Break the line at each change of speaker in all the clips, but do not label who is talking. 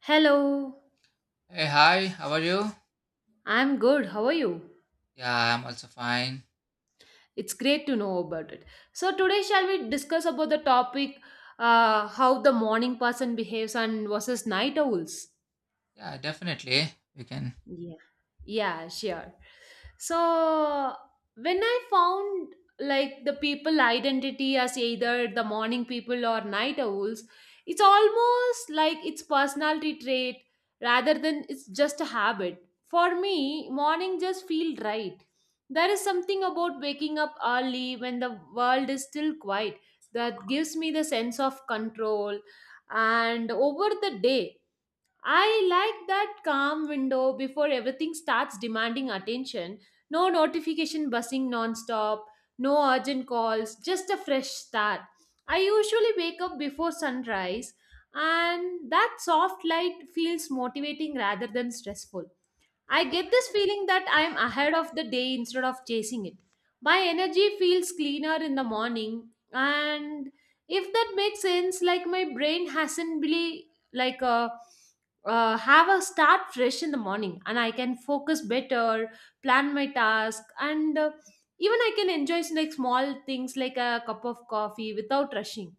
Hello,
Hey, hi, how are you?
I'm good. How are you?
Yeah, I'm also fine.
It's great to know about it. So today shall we discuss about the topic how the morning person behaves and versus night owls.
Yeah, definitely. We can.
Yeah. Yeah, sure. So when I found like the people identity as either the morning people or night owls, it's almost like it's personality trait rather than it's just a habit. For me, morning just feel right. There is something about waking up early when the world is still quiet that gives me the sense of control and over the day. I like that calm window before everything starts demanding attention. No notification buzzing nonstop, no urgent calls, just a fresh start. I usually wake up before sunrise, and that soft light feels motivating rather than stressful. I get this feeling that I am ahead of the day instead of chasing it. My energy feels cleaner in the morning, and if that makes sense, like my brain hasn't really like a have a start fresh in the morning, and I can focus better, plan my task, and even I can enjoy like small things like a cup of coffee without rushing.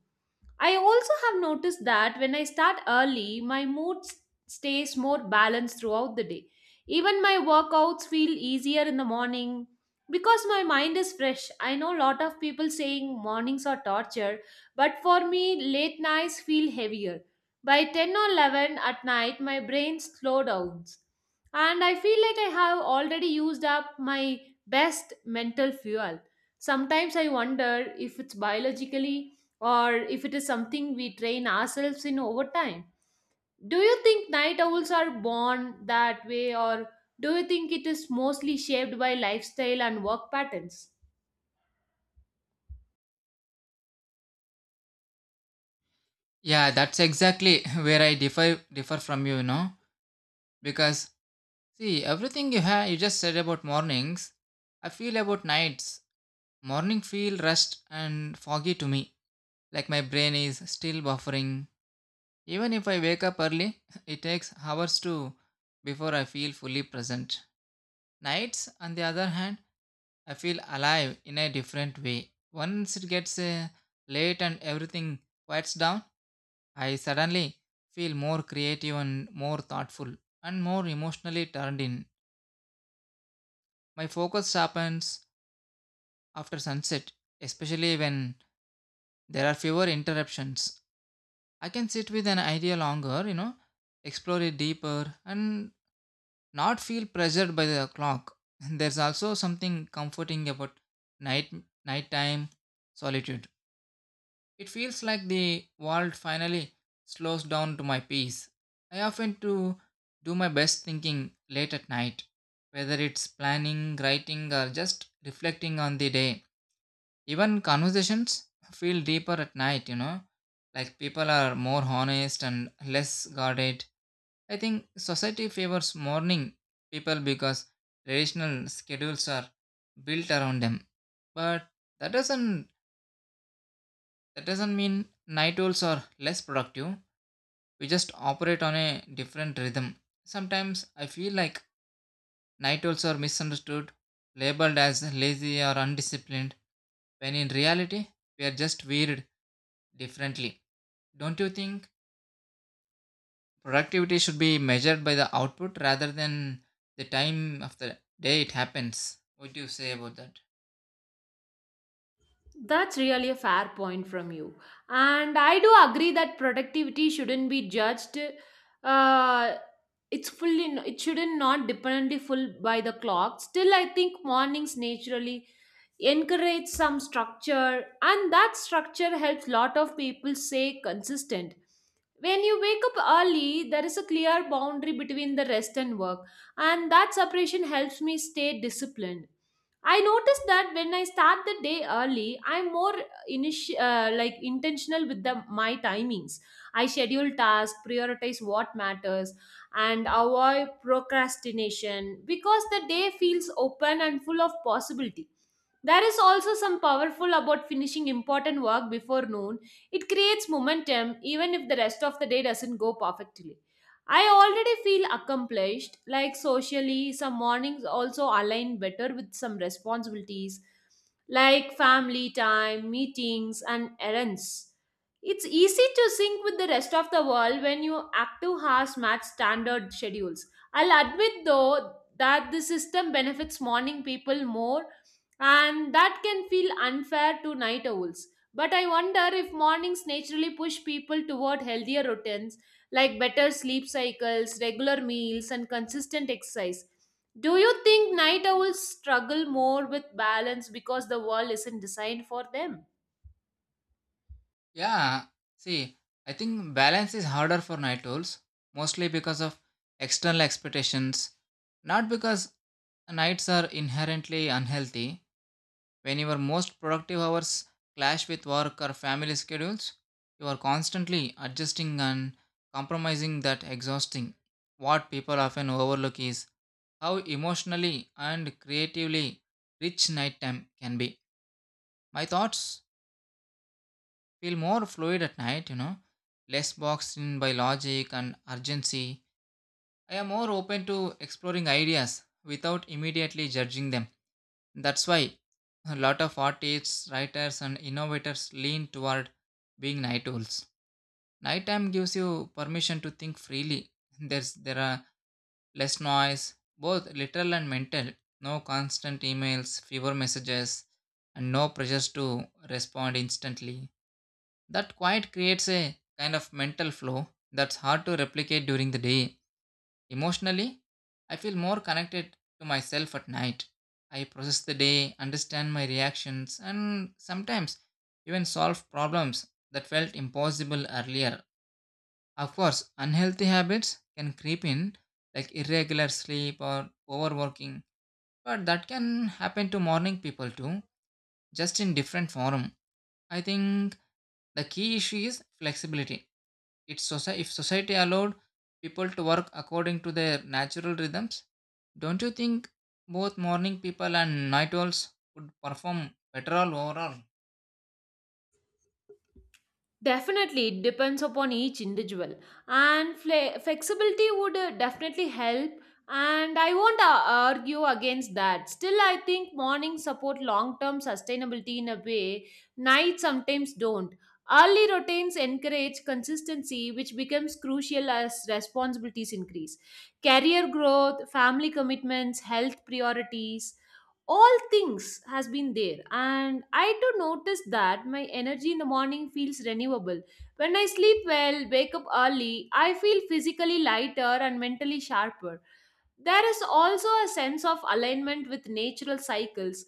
I also have noticed that when I start early, my mood stays more balanced throughout the day. Even my workouts feel easier in the morning because my mind is fresh. I know a lot of people saying mornings are torture, but for me, late nights feel heavier. By 10 or 11 at night, my brain slows down and I feel like I have already used up my best mental fuel. Sometimes I wonder if it's biologically or if it is something we train ourselves in over time. Do you think night owls are born that way, or do you think it is mostly shaped by lifestyle and work patterns?
Yeah, that's exactly where I differ from you, you know. Because see, everything you just said about mornings, I feel about nights. Morning feel rushed and foggy to me. Like my brain is still buffering. Even if I wake up early, it takes hours to before I feel fully present. Nights, on the other hand, I feel alive in a different way. Once it gets late and everything quiets down, I suddenly feel more creative and more thoughtful and more emotionally turned in. My focus sharpens after sunset, especially when there are fewer interruptions. I can sit with an idea longer, you know, explore it deeper, and not feel pressured by the clock. There's also something comforting about night nighttime solitude. It feels like the world finally slows down to my peace. I often do my best thinking late at night, whether it's planning, writing, or just reflecting on the day. Even conversations feel deeper at night, you know, like people are more honest and less guarded. I think society favors morning people because traditional schedules are built around them. But that doesn't that doesn't mean night owls are less productive. We just operate on a different rhythm. Sometimes I feel like night owls are misunderstood, labeled as lazy or undisciplined, when in reality, we are just weird differently. Don't you think productivity should be measured by the output rather than the time of the day it happens? What do you say about that?
That's really a fair point from you. And I do agree that productivity shouldn't be judged. Uh, it's fully it shouldn't not dependently full by the clock. Still, I think mornings naturally encourage some structure, and that structure helps lot of people stay consistent. When you wake up early, there is a clear boundary between the rest and work, and that separation helps me stay disciplined. I noticed that when I start the day early, I'm more like intentional with the my timings. I schedule tasks, prioritize what matters, and avoid procrastination because the day feels open and full of possibility. There is also some powerful about finishing important work before noon. It creates momentum even if the rest of the day doesn't go perfectly. I already feel accomplished, like socially, some mornings also align better with some responsibilities like family time, meetings, and errands. It's easy to sync with the rest of the world when your active hours match standard schedules. I'll admit though that the system benefits morning people more, and that can feel unfair to night owls. But I wonder if mornings naturally push people toward healthier routines like better sleep cycles, regular meals, and consistent exercise. Do you think night owls struggle more with balance because the world isn't designed for them?
Yeah, see, I think balance is harder for night owls, mostly because of external expectations, not because nights are inherently unhealthy. When your most productive hours clash with work or family schedules, you are constantly adjusting and compromising that exhausting. What people often overlook is how emotionally and creatively rich nighttime can be. My thoughts feel more fluid at night, less boxed in by logic and urgency. I am more open to exploring ideas without immediately judging them. That's why a lot of artists, writers, and innovators lean toward being night owls. Nighttime gives you permission to think freely. There are less noise, both literal and mental. No constant emails, fewer messages, and no pressures to respond instantly. That quiet creates a kind of mental flow that's hard to replicate during the day. Emotionally, I feel more connected to myself at night. I process the day, understand my reactions, and sometimes even solve problems that felt impossible earlier. Of course, unhealthy habits can creep in, like irregular sleep or overworking, but that can happen to morning people too, just in different form. I think the key issue is flexibility. If society allowed people to work according to their natural rhythms, don't you think both morning people and night owls would perform better all overall?
Definitely, it depends upon each individual, and flexibility would definitely help. And I won't argue against that. Still, I think mornings support long term sustainability in a way nights sometimes don't. Early routines encourage consistency, which becomes crucial as responsibilities increase. Career growth, family commitments, health priorities, all things has been there. And I too noticed that my energy in the morning feels renewable when I sleep well, wake up early. I feel physically lighter and mentally sharper. There is also a sense of alignment with natural cycles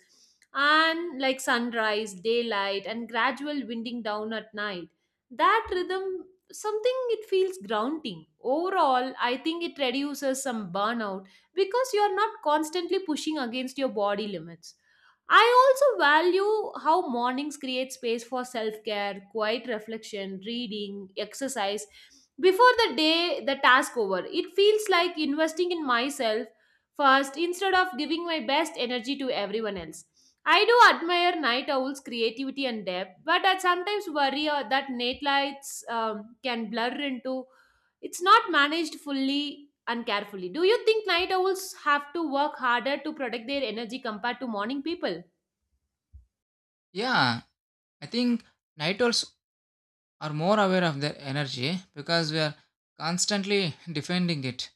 and like sunrise, daylight, and gradual winding down at night. That rhythm, something it feels grounding. Overall, I think it reduces some burnout because you're not constantly pushing against your body limits. I also value how mornings create space for self care, quiet reflection, reading, exercise, before the day the task over, it feels like investing in myself first instead of giving my best energy to everyone else. I do admire night owls' creativity and depth, but I sometimes worry that night lights can blur into it's not managed fully and carefully. Do you think night owls have to work harder to protect their energy compared to morning people?
Yeah, I think night owls are more aware of their energy because we are constantly defending it.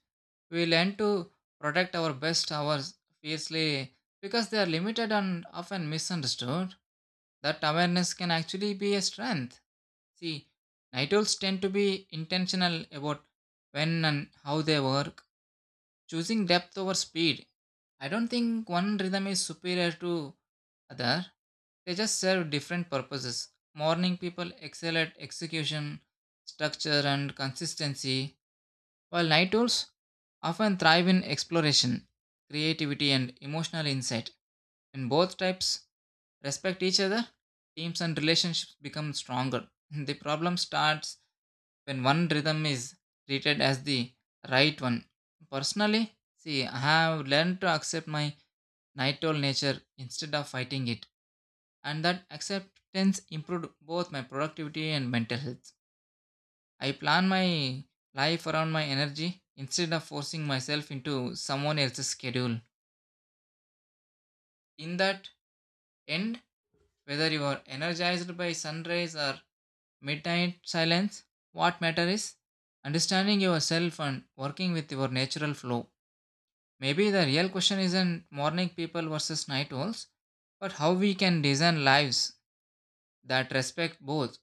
We learn to protect our best hours fiercely because they are limited and often misunderstood. That awareness can actually be a strength. See, night owls tend to be intentional about when and how they work, choosing depth over speed. I don't think one rhythm is superior to other. They just serve different purposes. Morning people excel at execution, structure, and consistency, while night owls often thrive in exploration, creativity, and emotional insight. When both types respect each other, teams and relationships become stronger. The problem starts when one rhythm is treated as the right one. Personally, see, I have learned to accept my night owl nature instead of fighting it, and that acceptance improved both my productivity and mental health. I plan my life around my energy instead of forcing myself into someone else's schedule. In that end, whether you are energized by sunrise or midnight silence, what matters is understanding yourself and working with your natural flow. Maybe the real question isn't morning people versus night owls, but how we can design lives that respect both.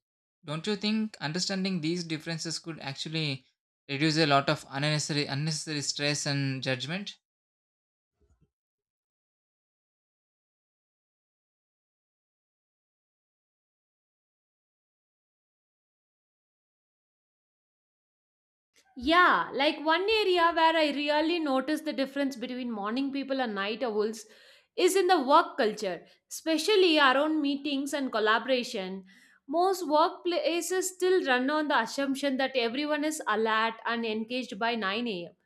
Don't you think understanding these differences could actually reduce a lot of unnecessary stress and judgment?
Yeah, like one area where I really notice the difference between morning people and night owls is in the work culture, especially around meetings and collaboration. Most workplaces still run on the assumption that everyone is alert and engaged by 9 a.m.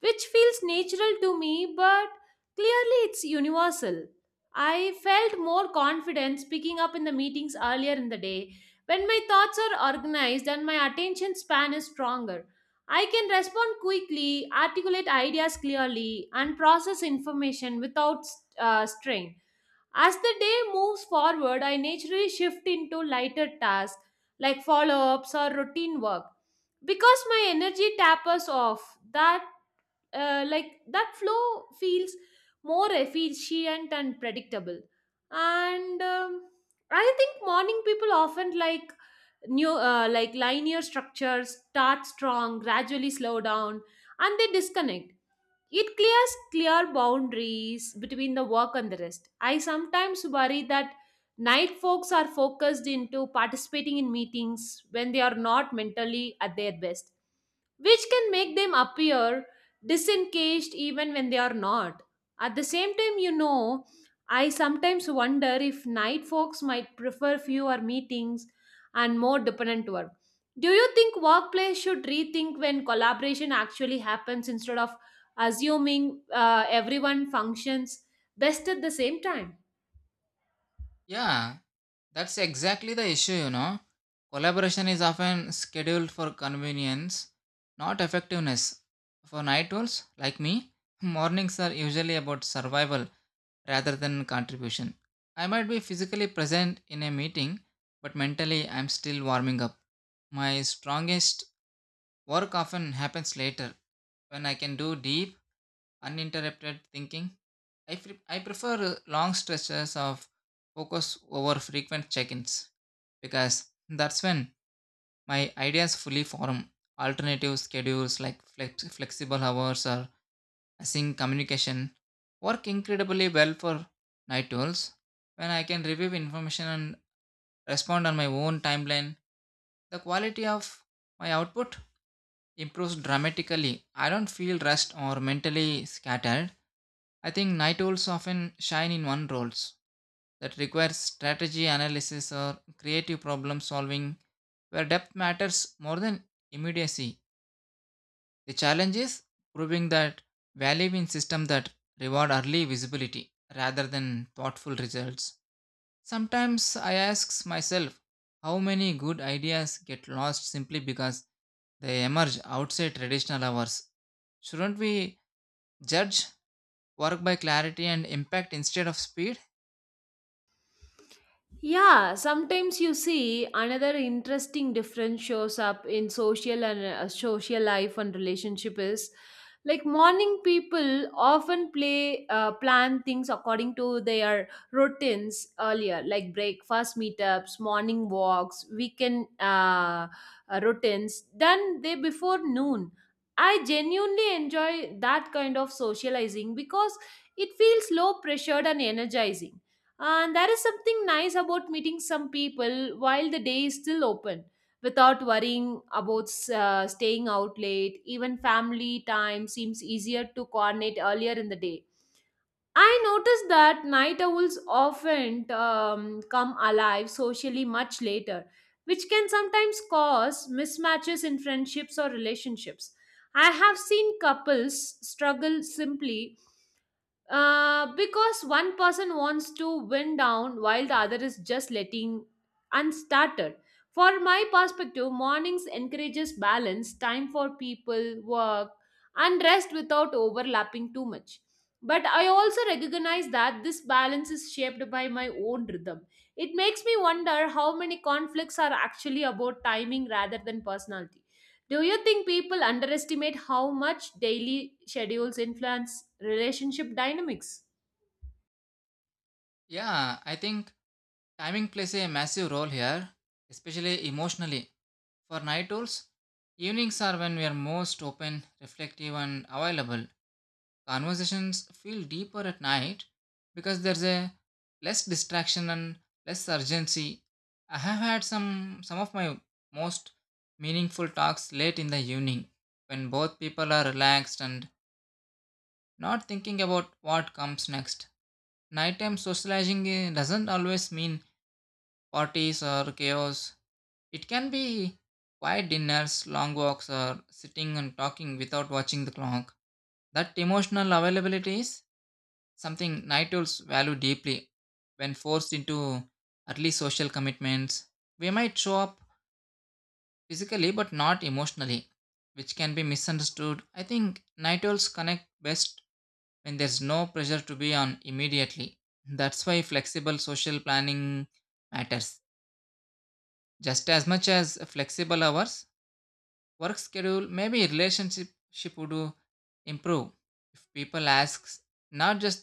which feels natural to me, but clearly it's universal. I felt more confident speaking up in the meetings earlier in the day. When my thoughts are organized and my attention span is stronger, I can respond quickly, articulate ideas clearly, and process information without strain. As the day moves forward, I naturally shift into lighter tasks like follow ups or routine work. Because my energy tapers off, that like that flow feels more efficient and predictable and I think morning people often like linear structures start strong gradually slow down and they disconnect it clear boundaries between the work and the rest. I sometimes worry that night folks are focused into participating in meetings when they are not mentally at their best, which can make them appear disengaged even when they are not. At the same time, I sometimes wonder if night folks might prefer fewer meetings and more dependent work. Do you think workplace should rethink when collaboration actually happens instead of assuming everyone functions best at the same time.
Yeah, that's exactly the issue, you know. Collaboration is often scheduled for convenience, not effectiveness. For night owls like me, mornings are usually about survival rather than contribution. I might be physically present in a meeting, but mentally I'm still warming up. My strongest work often happens later when I can do deep, uninterrupted thinking. I prefer long stretches of focus over frequent check ins because that's when my ideas fully form. Alternative schedules like flexible hours or async communication work incredibly well for night owls. When I can review information and respond on my own timeline, the quality of my output improves dramatically. I don't feel rushed or mentally scattered. I think night owls often shine in one roles that requires strategy analysis or creative problem solving where depth matters more than immediacy. The challenge is proving that value in systems that reward early visibility rather than thoughtful results. Sometimes I ask myself how many good ideas get lost simply because they emerge outside traditional hours. Shouldn't we judge work by clarity and impact instead of speed?
Yeah, sometimes you see another interesting difference shows up in social life and relationship is like morning people often play plan things according to their routines earlier like breakfast meetups morning walks weekend routines than they before noon. I genuinely enjoy that kind of socializing because it feels low pressured and energizing, and there is something nice about meeting some people while the day is still open without worrying about staying out late. Even family time seems easier to coordinate earlier in the day. I noticed that night owls often come alive socially much later, which can sometimes cause mismatches in friendships or relationships. I have seen couples struggle simply because one person wants to wind down while the other is just letting unstarted. For my perspective, mornings encourages balance, time for people, work, and rest without overlapping too much. But I also recognize that this balance is shaped by my own rhythm. It makes me wonder how many conflicts are actually about timing rather than personality. Do you think people underestimate how much daily schedules influence relationship dynamics?
Yeah, I think timing plays a massive role here, especially emotionally. For night owls, evenings are when we are most open, reflective, and available. Conversations feel deeper at night because there's a less distraction and less urgency. I have had some of my most meaningful talks late in the evening when both people are relaxed and not thinking about what comes next. Nighttime socializing eh, doesn't always mean parties or chaos. It can be quiet dinners, long walks, or sitting and talking without watching the clock. That emotional availability is something night owls value deeply when forced into early social commitments. We might show up physically but not emotionally, which can be misunderstood. I think night owls connect best when there's no pressure to be on immediately. That's why flexible social planning matters just as much as flexible hours. Work schedule maybe relationship ship would improve if people ask not just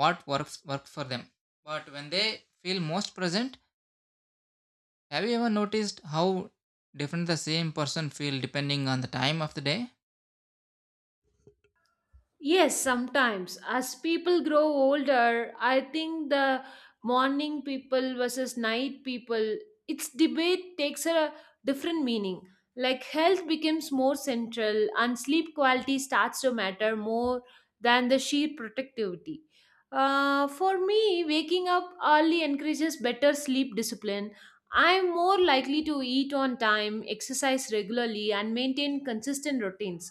what work for them but when they feel most present. Have you ever noticed how different the same person feel depending on the time of the day?
Yes, sometimes. As people grow older, I think the morning people versus night people, its debate takes a different meaning. Like health becomes more central and sleep quality starts to matter more than the sheer productivity. For me, waking up early encourages better sleep discipline. I'm more likely to eat on time, exercise regularly, and maintain consistent routines.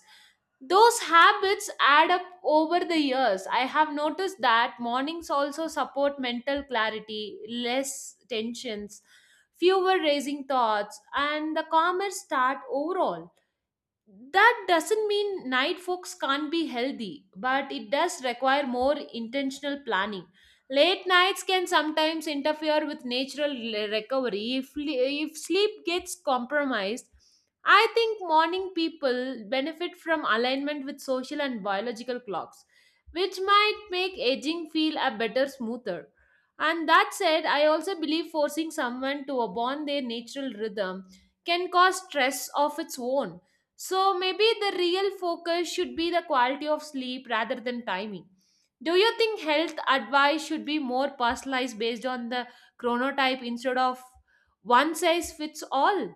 Those habits add up over the years. I have noticed that mornings also support mental clarity, less tensions, fewer racing thoughts, and the calmer start overall. That doesn't mean night folks can't be healthy, but it does require more intentional planning. Late nights can sometimes interfere with natural recovery if sleep gets compromised. I think morning people benefit from alignment with social and biological clocks, which might make aging feel a better, smoother. And that said, I also believe forcing someone to abandon their natural rhythm can cause stress of its own. So maybe the real focus should be the quality of sleep rather than timing. Do you think health advice should be more personalized based on the chronotype instead of one size fits all?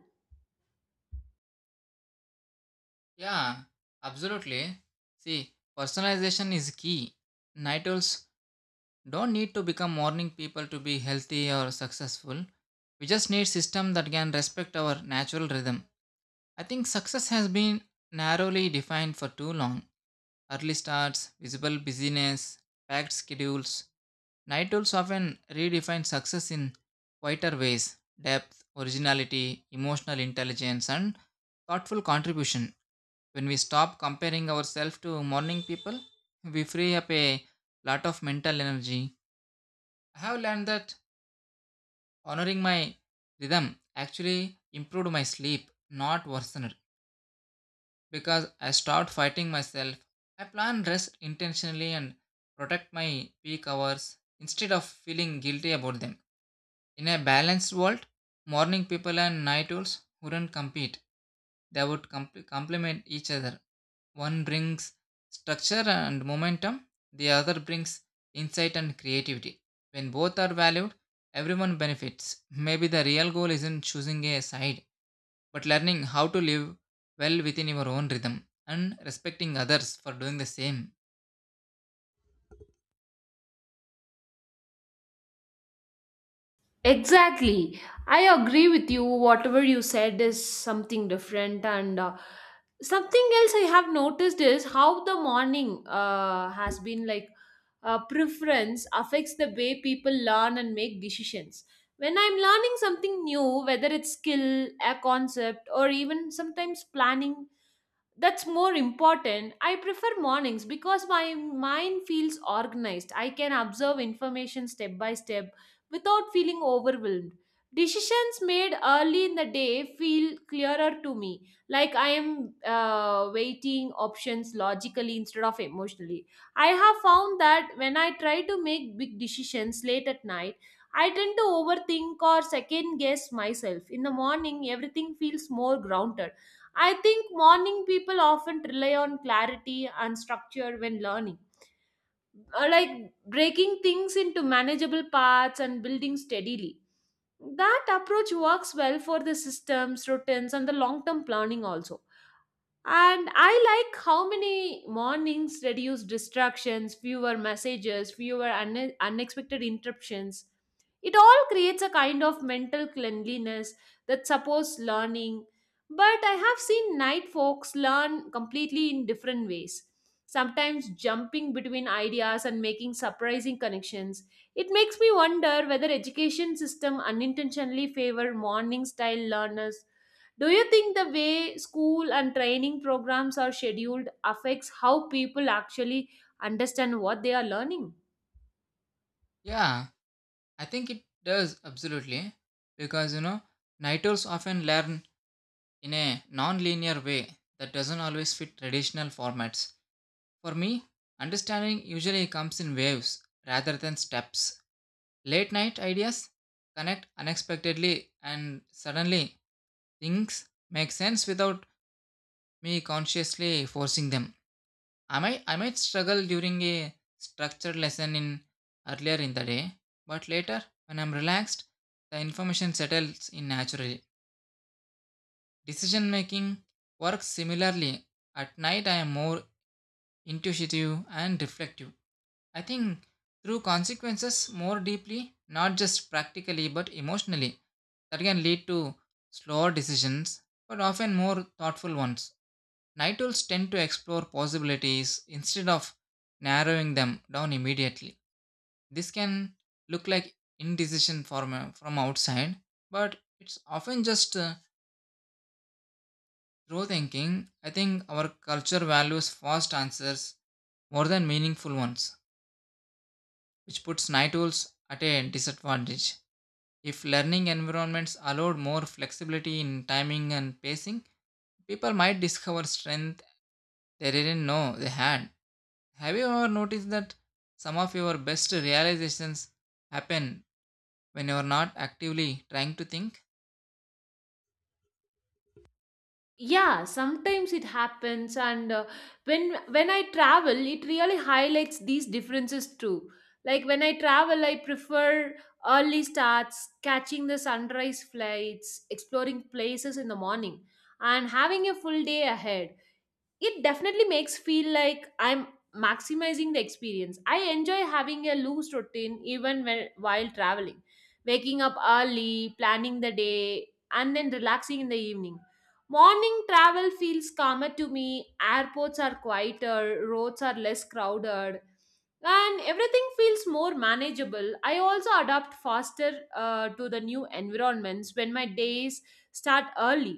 Yeah, absolutely. See, personalization is key. Night owls don't need to become morning people to be healthy or successful. We just need system that can respect our natural rhythm. I think success has been narrowly defined for too long. Early starts, visible busyness, packed schedules. Night owls often redefine success in quieter ways depth, originality, emotional intelligence, and thoughtful contribution. When we stop comparing ourselves to morning people, we free up a lot of mental energy. I have learned that honoring my rhythm actually improved my sleep, not worsened, because I stopped fighting myself. I plan rest intentionally and protect my peak hours instead of feeling guilty about them. In a balanced world, morning people and night owls wouldn't compete, they would complement each other. One brings structure and momentum, the other brings insight and creativity. When both are valued, everyone benefits. Maybe the real goal isn't choosing a side but learning how to live well within your own rhythm and respecting others for doing the same.
Exactly. I agree with you. Whatever you said is something different. And something else I have noticed is how the morning has been like preference affects the way people learn and make decisions. When I'm learning something new, whether it's skill, a concept, or even sometimes planning that's more important. I prefer mornings because my mind feels organized. I can observe information step by step without feeling overwhelmed. Decisions made early in the day feel clearer to me, like I am weighting options logically instead of emotionally. I have found that when I try to make big decisions late at night, I tend to overthink or second guess myself. In the morning everything feels more grounded. I think morning people often rely on clarity and structure when learning, like breaking things into manageable parts and building steadily. That approach works well for the systems, routines, and the long term planning also. And I like how many mornings reduce distractions, fewer messages, fewer unexpected interruptions. It all creates a kind of mental cleanliness that supports learning. But I have seen night folks learn completely in different ways, sometimes jumping between ideas and making surprising connections. It makes me wonder whether education system unintentionally favor morning style learners. Do you think the way school and training programs are scheduled affects how people actually understand what they are learning?
Yeah, I think it does absolutely because you know, Nitals often learn in a non linear way that doesn't always fit traditional formats. For me, understanding usually comes in waves rather than steps. Late night ideas connect unexpectedly and suddenly things make sense without me consciously forcing them. I might struggle during a structured lesson in earlier in the day, but later when I'm relaxed, the information settles in naturally. Decision making works similarly. At night I am more intuitive and reflective. I think through consequences more deeply, not just practically but emotionally. That can lead to slower decisions, but often more thoughtful ones. Night owls tend to explore possibilities instead of narrowing them down immediately. This can look like indecision from outside, but it's often just through thinking. I think our culture values fast answers more than meaningful ones, which puts night owls at a disadvantage. If learning environments allowed more flexibility in timing and pacing, people might discover strength they didn't know they had. Have you ever noticed that some of your best realizations happen when you're not actively trying to think?
Yeah, sometimes it happens, and when I travel it really highlights these differences too. Like when I travel I prefer early starts, catching the sunrise flights, exploring places in the morning and having a full day ahead. It definitely makes feel like I'm maximizing the experience. I enjoy having a loose routine even when while traveling, waking up early, planning the day, and then relaxing in the evening. Morning travel feels calmer to me, airports are quieter, roads are less crowded, and everything feels more manageable. I also adapt faster to the new environments. When my days start early,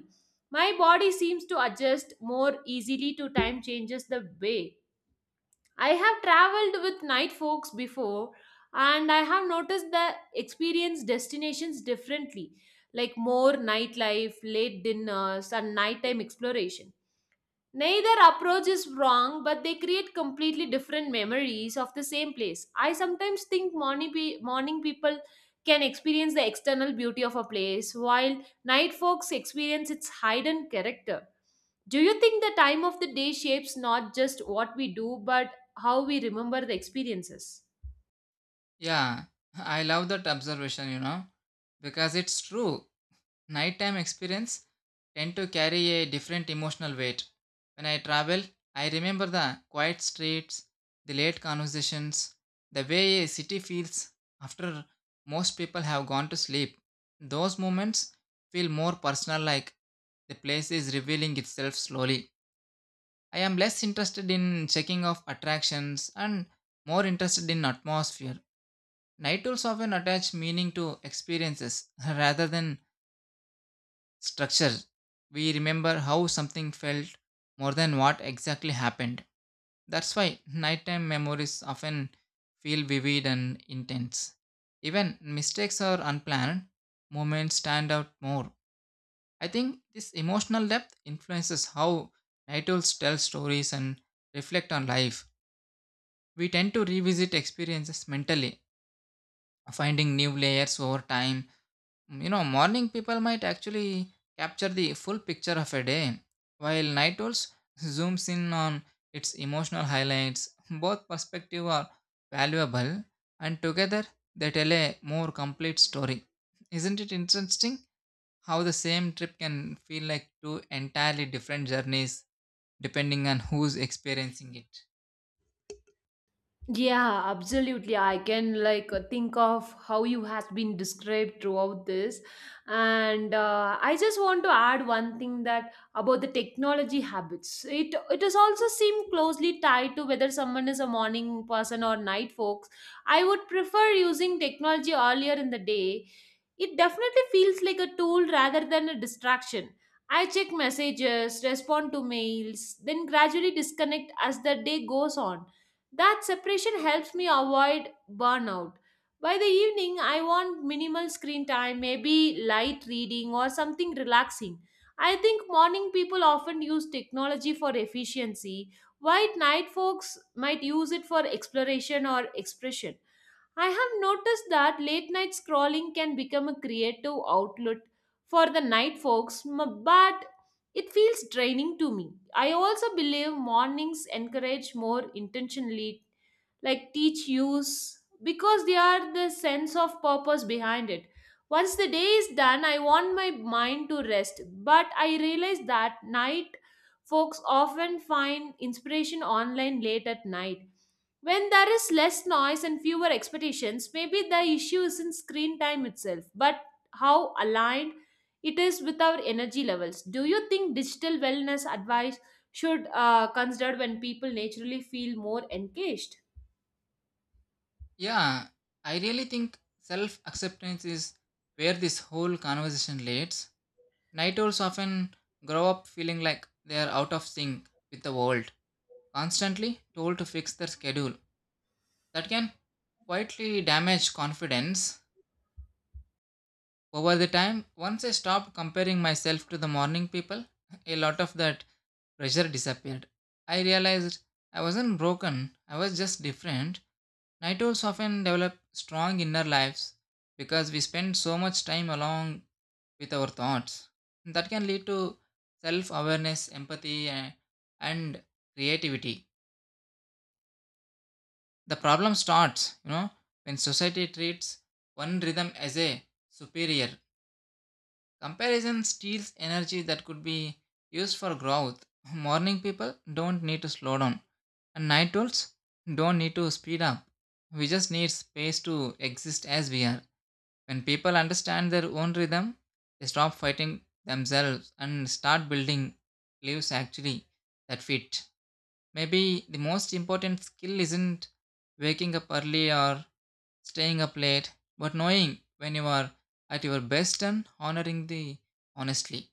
my body seems to adjust more easily to time changes the way. I have traveled with night folks before and I have noticed the experience destinations differently, like more nightlife, late dinners, and nighttime exploration. Neither approach is wrong, but they create completely different memories of the same place. I sometimes think morning people can experience the external beauty of a place, while night folks experience its hidden character. Do you think the time of the day shapes not just what we do, but how we remember the experiences?
Yeah, I love that observation, you know, because it's true. Nighttime experience tend to carry a different emotional weight. When I travel, I remember the quiet streets, the late conversations, the way a city feels after most people have gone to sleep. Those moments feel more personal like the place is revealing itself slowly. I am less interested in checking off attractions and more interested in atmosphere. Night tools often attach meaning to experiences rather than structure. We remember how something felt more than what exactly happened. That's why nighttime memories often feel vivid and intense. Even mistakes or unplanned moments stand out more. I think this emotional depth influences how night owls tell stories and reflect on life. We tend to revisit experiences mentally, finding new layers over time. Mm. You know, morning people might actually capture the full picture of a day, while night owls zooms in on its emotional highlights. Both perspectives are valuable, and together they tell a more complete story. Isn't it interesting how the same trip can feel like two entirely different journeys depending on who's experiencing it?
Yeah, absolutely. I can like think of how you has been described throughout this, and I just want to add one thing that about the technology habits. It is also seem closely tied to whether someone is a morning person or night folks. I would prefer using technology earlier in the day. It definitely feels like a tool rather than a distraction. I check messages, respond to mails, then gradually disconnect as the day goes on. That separation helps me avoid burnout. By the evening, I want minimal screen time, maybe light reading or something relaxing. I think morning people often use technology for efficiency, while night folks might use it for exploration or expression. I have noticed that late night scrolling can become a creative outlet for the night but it feels draining to me. I also believe mornings encourage more intentionally like teach use, because they are the sense of purpose behind it. Once the day is done, I want my mind to rest. But I realize that night folks often find inspiration online late at night when there is less noise and fewer expectations. Maybe the issue isn't screen time itself, but how aligned it is with our energy levels. Do you think digital wellness advice should consider when people naturally feel more engaged?
Yeah, I really think self acceptance is where this whole conversation leads. Night owls often grow up feeling like they are out of sync with the world, constantly told to fix their schedule. That can quietly damage confidence. Over the time, once I stopped comparing myself to the morning people, a lot of that pressure disappeared. I realized I wasn't broken, I was just different. Night owls often develop strong inner lives because we spend so much time alone with our thoughts. That can lead to self awareness, empathy, and creativity. The problem starts, you know, when society treats one rhythm as a superior. Comparison steals energy that could be used for growth. Morning people don't need to slow down, and night owls don't need to speed up. We just need space to exist as we are. When people understand their own rhythm, they stop fighting themselves and start building lives actually that fit. Maybe the most important skill isn't waking up early or staying up late, but knowing when you are at your best and honoring the honestly.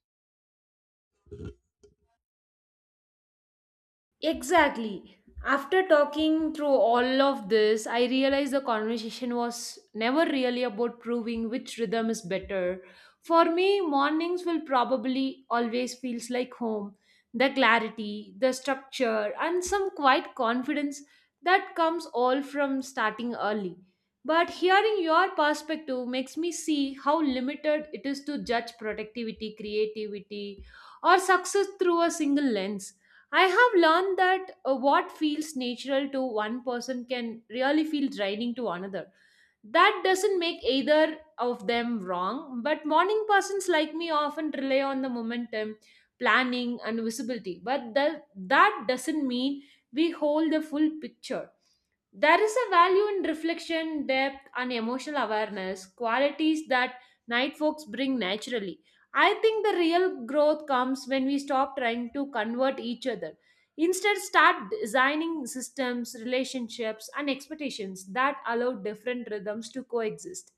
Exactly. After talking through all of this, I realized the conversation was never really about proving which rhythm is better. For me, mornings will probably always feels like home. The clarity, the structure, and some quiet confidence that comes all from starting early. But hearing your perspective makes me see how limited it is to judge productivity, creativity, or success through a single lens. I have learned that what feels natural to one person can really feel draining to another. That doesn't make either of them wrong, but morning persons like me often rely on the momentum, planning, and visibility. But that doesn't mean we hold the full picture. There is a value in reflection, depth, and emotional awareness, qualities that night folks bring naturally. I think the real growth comes when we stop trying to convert each other. Instead, start designing systems, relationships, and expectations that allow different rhythms to coexist.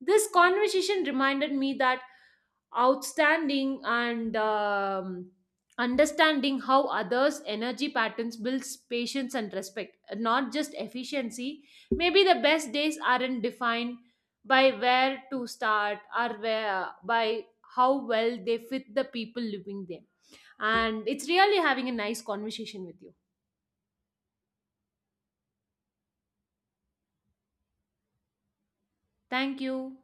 This conversation reminded me that outstanding and understanding how others energy patterns builds patience and respect, not just efficiency. Maybe the best days aren't defined by where to start or where by how well they fit the people living them. And it's really having a nice conversation with you. Thank you.